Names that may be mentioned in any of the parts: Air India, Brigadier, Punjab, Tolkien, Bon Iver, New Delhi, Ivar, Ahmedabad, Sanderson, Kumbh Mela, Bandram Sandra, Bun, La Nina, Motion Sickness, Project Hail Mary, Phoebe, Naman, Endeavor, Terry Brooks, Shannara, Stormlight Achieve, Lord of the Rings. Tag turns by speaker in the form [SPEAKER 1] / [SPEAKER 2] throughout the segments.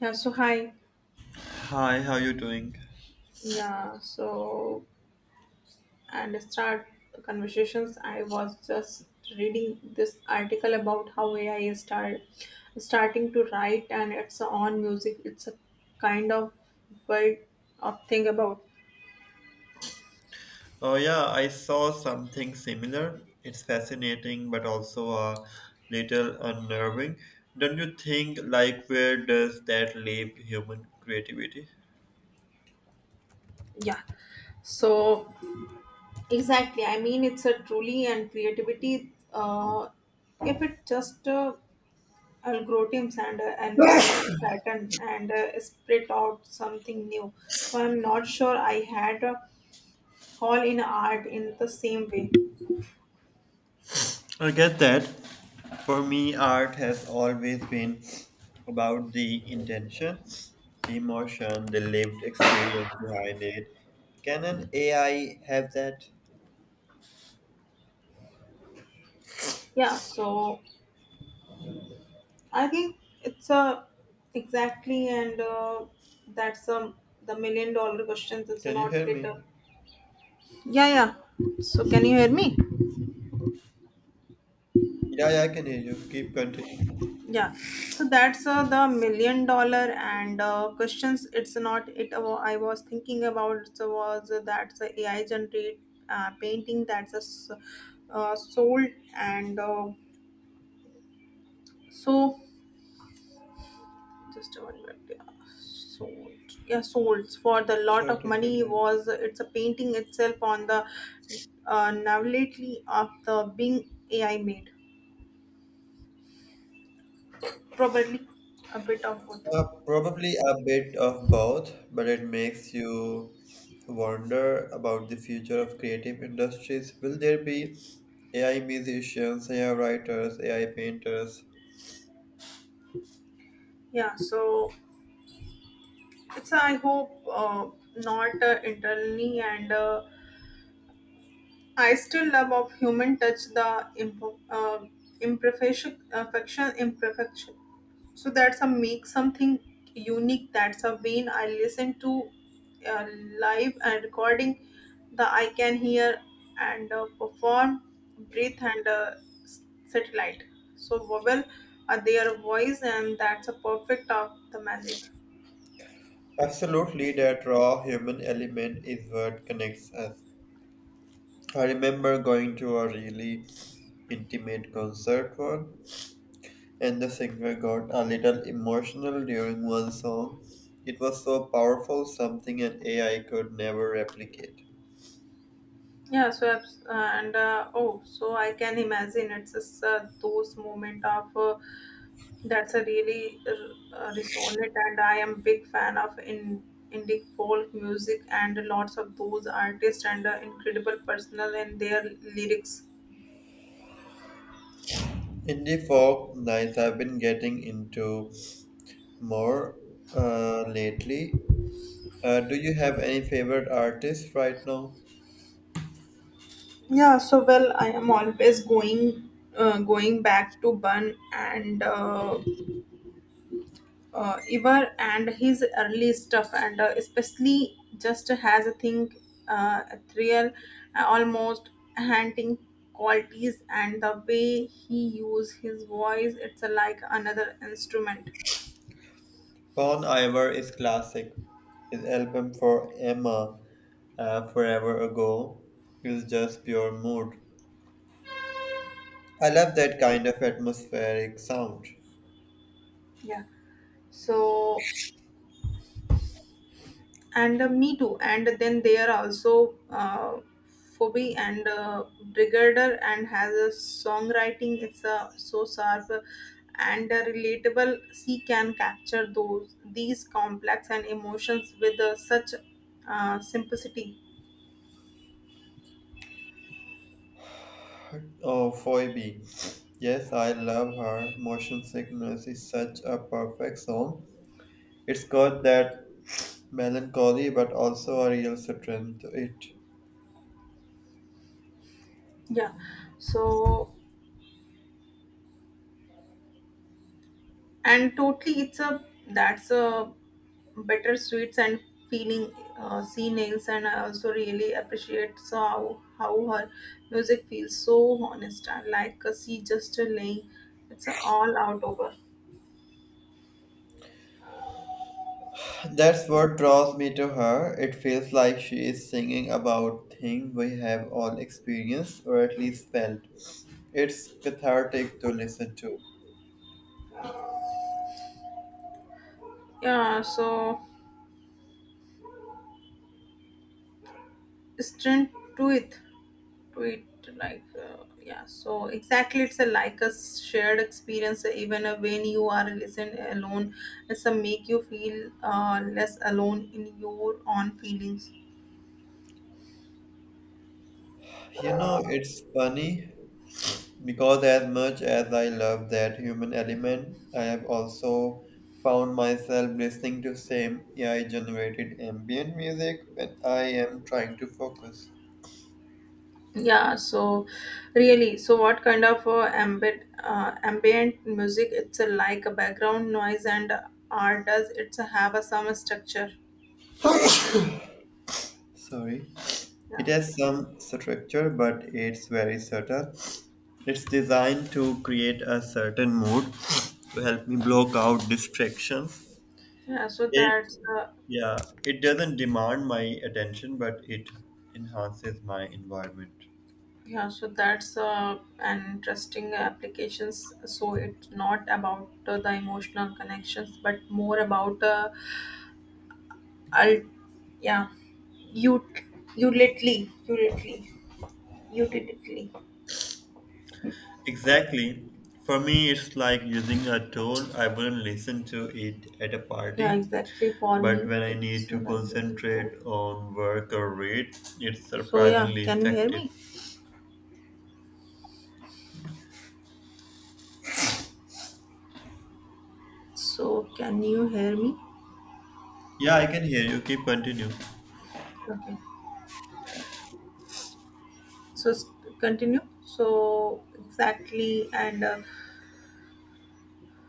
[SPEAKER 1] Hi.
[SPEAKER 2] Hi, how you doing?
[SPEAKER 1] Yeah, so and To start the conversations, I was just reading this article about how AI is starting to write and its own music. It's a kind of world of thing about
[SPEAKER 2] Oh yeah, I saw something similar. It's fascinating, but also a little unnerving. Don't you think? Like, where does that leave human creativity?
[SPEAKER 1] yeah. So exactly, I mean it's a truly and creativity. If it just algorithms and analyzes pattern and spit out something new. So I'm not sure I had. All in art in the same way.
[SPEAKER 2] I get that. For me, art has always been about the intention, the emotion, the lived experience behind it. Can an AI have that?
[SPEAKER 1] Yeah. So I think it's a exactly, and that's a the million dollar question, is
[SPEAKER 2] Can you
[SPEAKER 1] not
[SPEAKER 2] hear
[SPEAKER 1] it?
[SPEAKER 2] me?
[SPEAKER 1] Yeah, yeah. So can you hear me?
[SPEAKER 2] Yeah, yeah, I can hear you. Keep continuing.
[SPEAKER 1] Yeah, so that's the million dollar and questions, it's not it. I was thinking about, so was that's a AI generate painting, that's a sold and so just a 1 minute. Yeah, sold. Yeah, sold for the lot
[SPEAKER 2] Sure,
[SPEAKER 1] of
[SPEAKER 2] take your
[SPEAKER 1] money,
[SPEAKER 2] time.
[SPEAKER 1] was it's a painting itself on the novelty of the Bing AI made. Probably a bit of both.
[SPEAKER 2] Probably a bit of both, but it makes you wonder about the future of creative industries. Will there be AI musicians, AI writers, AI painters?
[SPEAKER 1] Yeah, so it's I hope not internally and I still love of human touch the uh, imperfection, affection, imperfection, so that's a make something unique. That's a vein I listen to uh, live and recording the I can hear and perform breathe and satellite, so vowel are their voice, and that's a perfect of the magic.
[SPEAKER 2] Absolutely, that raw human element is what connects us. I remember going to a really intimate concert one, and the singer got a little emotional during one song. It was so powerful, something an AI could never replicate.
[SPEAKER 1] Yeah, so abs- and oh, so I can imagine it's just, those moment of that's a really resonant, and I am big fan of indie folk music and lots of those artists and incredible personal in their lyrics.
[SPEAKER 2] Indie folk nights I've been getting into more lately. Do you have any favorite artists right now?
[SPEAKER 1] Yeah, so well, I am always going back to Bun and Ivar and his early stuff, and especially just has a thing, a thrill, almost haunting qualities, and the way he use his voice, it's like another instrument.
[SPEAKER 2] Bon Iver is classic. His album for Emma Forever Ago is just pure mood. I love that kind of atmospheric sound.
[SPEAKER 1] Yeah. So and me too, and then there are also. Phoebe and Brigadier and has a songwriting. It's so sharp and a relatable, C can capture those these complex and emotions with such simplicity.
[SPEAKER 2] Oh, Phoebe. Yes, I love her. Motion Sickness is such a perfect song. It's got that melancholy but also a real strength to it.
[SPEAKER 1] Yeah, so and totally it's a that's a better sweets and feeling sea nails, and I also really appreciate so how her music feels so honest, and like a sea just a laying it's a all out over.
[SPEAKER 2] That's what draws me to her. It feels like she is singing about things we have all experienced or at least felt. It's cathartic to listen to.
[SPEAKER 1] Yeah, so strength to it like yeah, so exactly it's a like a shared experience, even when you are listen alone. It's a make you feel less alone in your own feelings.
[SPEAKER 2] You know, it's funny because as much as I love that human element, I have also found myself listening to same AI generated ambient music when I am trying to focus.
[SPEAKER 1] Yeah, so really, so what kind of ambient music? It's a like a background noise, and art does it's a have a some structure?
[SPEAKER 2] Sorry.
[SPEAKER 1] Yeah,
[SPEAKER 2] It has
[SPEAKER 1] okay.
[SPEAKER 2] some structure, but it's very subtle. It's designed to create a certain mood to help me block out distractions.
[SPEAKER 1] yeah so
[SPEAKER 2] It
[SPEAKER 1] that's uh,
[SPEAKER 2] yeah, it doesn't demand my attention, but it enhances my environment.
[SPEAKER 1] Yeah, so that's an interesting applications. So it's not about the emotional connections, but more about I yeah, you utility, utility, utility.
[SPEAKER 2] Exactly. For me, it's like using a tool. I wouldn't listen to it at a
[SPEAKER 1] Yeah,
[SPEAKER 2] party,
[SPEAKER 1] exactly. For
[SPEAKER 2] but
[SPEAKER 1] me,
[SPEAKER 2] when I need
[SPEAKER 1] it's
[SPEAKER 2] to
[SPEAKER 1] like using tool.
[SPEAKER 2] concentrate on work or read, it's
[SPEAKER 1] So yeah,
[SPEAKER 2] surprisingly
[SPEAKER 1] can you hear
[SPEAKER 2] effective.
[SPEAKER 1] me? So can you hear me?
[SPEAKER 2] Yeah, I can hear you. Keep continue.
[SPEAKER 1] Okay. So continue. So exactly, and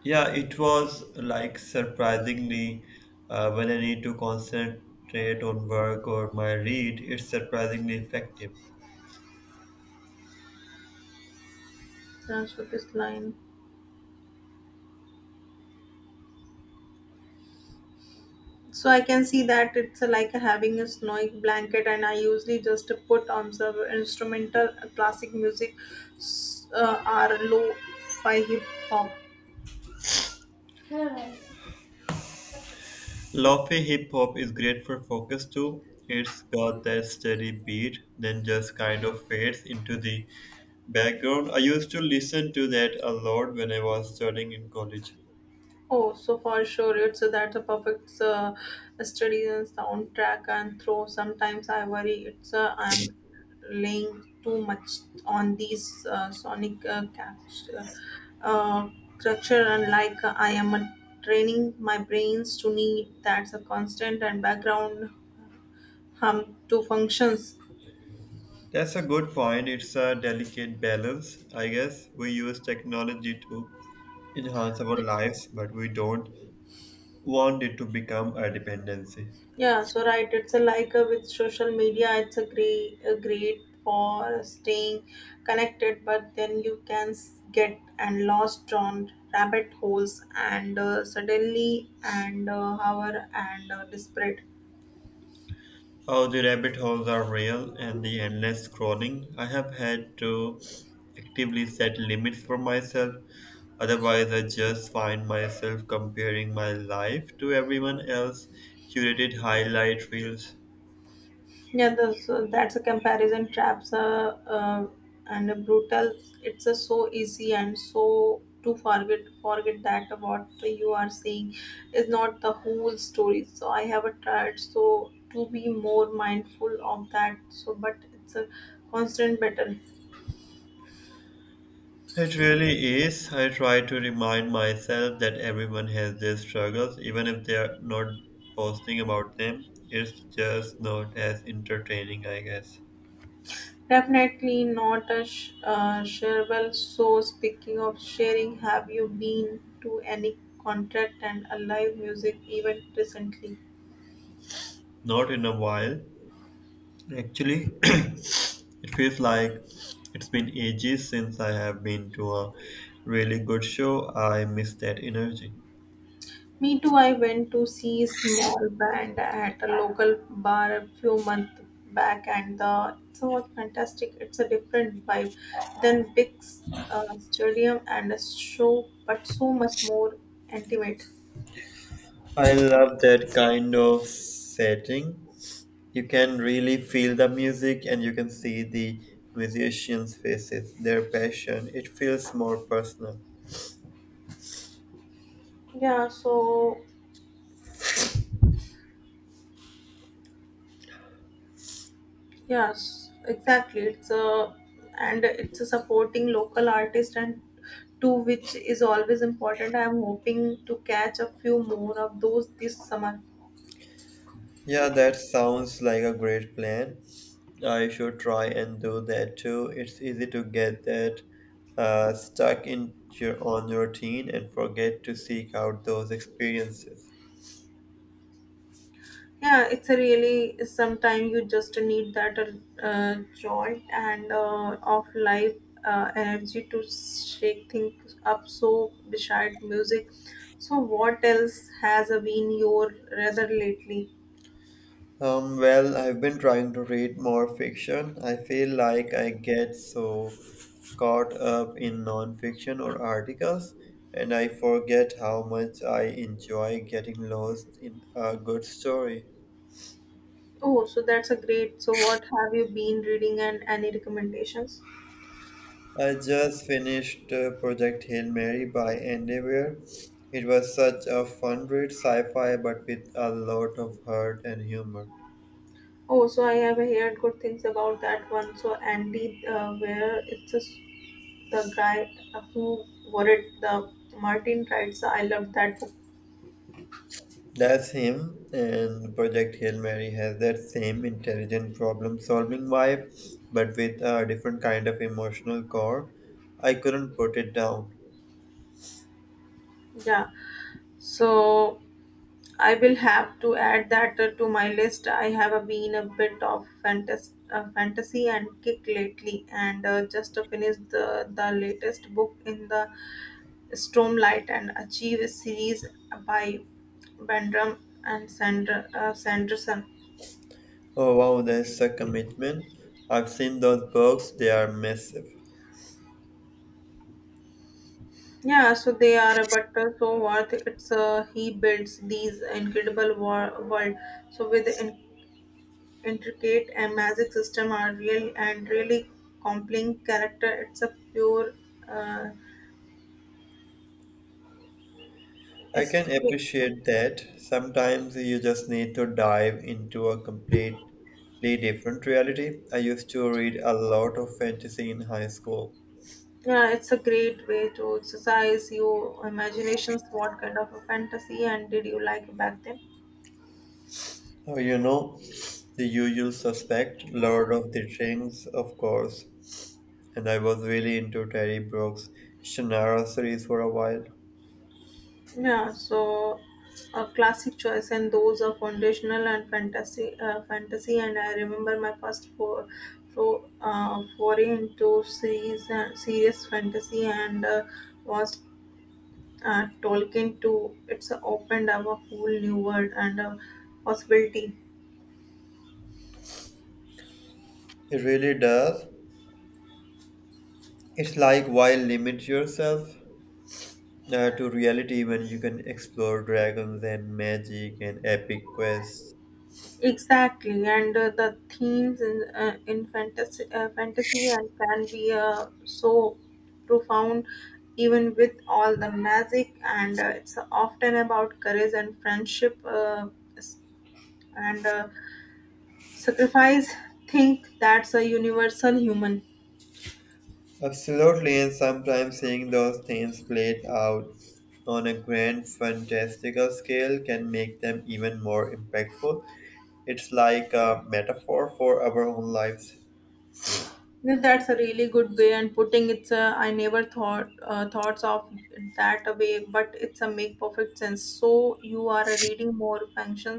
[SPEAKER 2] Yeah, it was like surprisingly when I need to concentrate on work or my read, it's surprisingly effective.
[SPEAKER 1] transfer this line. So I can see that it's like having a snowy blanket, and I usually just put on some instrumental classic music or low fi hip hop.
[SPEAKER 2] Huh. Lofi hip hop is great for focus too. It's got that steady beat, then just kind of fades into the background. I used to listen to that a lot when I was studying in college.
[SPEAKER 1] Oh, so for sure, it's that the perfect study and soundtrack and throw. Sometimes I worry it's I'm laying too much on these sonic uh, structure, and like I am training my brains to need that's a constant and background hum to functions.
[SPEAKER 2] That's a good point. It's a delicate balance, I guess. We use technology to enhance our lives, but we don't want it to become a dependency.
[SPEAKER 1] Yeah, so right, it's a like with social media, it's a great for staying connected, but then you can get and lost on rabbit holes and suddenly and hour and desperate.
[SPEAKER 2] Oh, the rabbit holes are real and the endless scrolling. I have had to actively set limits for myself. Otherwise, I just find myself comparing my life to everyone else curated highlight reels.
[SPEAKER 1] Yeah, that's a comparison traps, and a brutal. It's a so easy and so to forget that what you are saying is not the whole story. So I have a tried so to be more mindful of that. So, but it's a constant battle.
[SPEAKER 2] It really is. I try to remind myself that everyone has their struggles, even if they are not posting about them. It's just not as entertaining, I guess.
[SPEAKER 1] Definitely not a shareable. So speaking of sharing, have you been to any contract and a live music event recently?
[SPEAKER 2] Not in a while. Actually, it feels like it's been ages since I have been to a really good show. I miss that energy.
[SPEAKER 1] Me too, I went to see a small band at a local bar a few months back, and the it was fantastic. It's a different vibe than big stadium and a show, but so much more intimate.
[SPEAKER 2] I love that kind of setting. You can really feel the music and you can see the musicians' faces, their passion. It feels more personal.
[SPEAKER 1] Yeah, so yes, exactly. It's a and it's a supporting local artist and too, which is always important. I'm hoping to catch a few more of those this summer.
[SPEAKER 2] Yeah, that sounds like a great plan. I should try and do that too. It's easy to get that stuck in your routine and forget to seek out those experiences.
[SPEAKER 1] Yeah, it's a really. Sometimes you just need that jolt and of life energy to shake things up. So beside music, so what else has been your rather lately?
[SPEAKER 2] Well, I've been trying to read more fiction. I feel like I get so caught up in nonfiction or articles, and I forget how much I enjoy getting lost in a good story.
[SPEAKER 1] Oh, so that's a great. So what have you been reading, and any recommendations?
[SPEAKER 2] I just finished Project Hail Mary by Endeavor. It was such a fun read, sci-fi, but with a lot of heart and humor.
[SPEAKER 1] Oh, so I have heard good things about that one. So Andy, where it's just the guy who wrote the Martin writes, I love that book.
[SPEAKER 2] That's him, and Project Hail Mary has that same intelligent problem-solving vibe, but with a different kind of emotional core. I couldn't put it down.
[SPEAKER 1] Yeah. So I will have to add that to my list. I have been a bit of fantasy and kick lately, and just finished the latest book in the Stormlight and Achieve series by Bandram and Sanderson.
[SPEAKER 2] Oh wow, that's a commitment. I've seen those books; they are massive.
[SPEAKER 1] Yeah, so they are, but so worth it's he builds these incredible world. So with intricate and magic system are real and really compelling character. It's a pure uh,
[SPEAKER 2] I can
[SPEAKER 1] escape.
[SPEAKER 2] appreciate that. Sometimes you just need to dive into a completely different reality. I used to read a lot of fantasy in high school.
[SPEAKER 1] Yeah, it's a great way to exercise your imaginations. What kind of a fantasy and did you like back then?
[SPEAKER 2] Oh, you know, the usual suspect, Lord of the Rings, of course. And I was really into Terry Brooks' Shannara series for a while.
[SPEAKER 1] Yeah, so a classic choice, and those are foundational and fantasy. And I remember my first foray into serious fantasy, and was Tolkien too. It's opened up a whole new world and a possibility.
[SPEAKER 2] It really does. It's like why limit yourself to reality when you can explore dragons and magic and epic quests?
[SPEAKER 1] Exactly, and the themes in fantasy, and can be so profound, even with all the magic. And it's often about courage and friendship, s- and sacrifice. Think that's a universal human.
[SPEAKER 2] Absolutely, and sometimes seeing those things played out on a grand, fantastical scale can make them even more impactful. It's like a metaphor for our own lives.
[SPEAKER 1] Well, that's a really good way and putting it's a, I never thought thoughts of it that way, but it's a make perfect sense. So you are reading more functions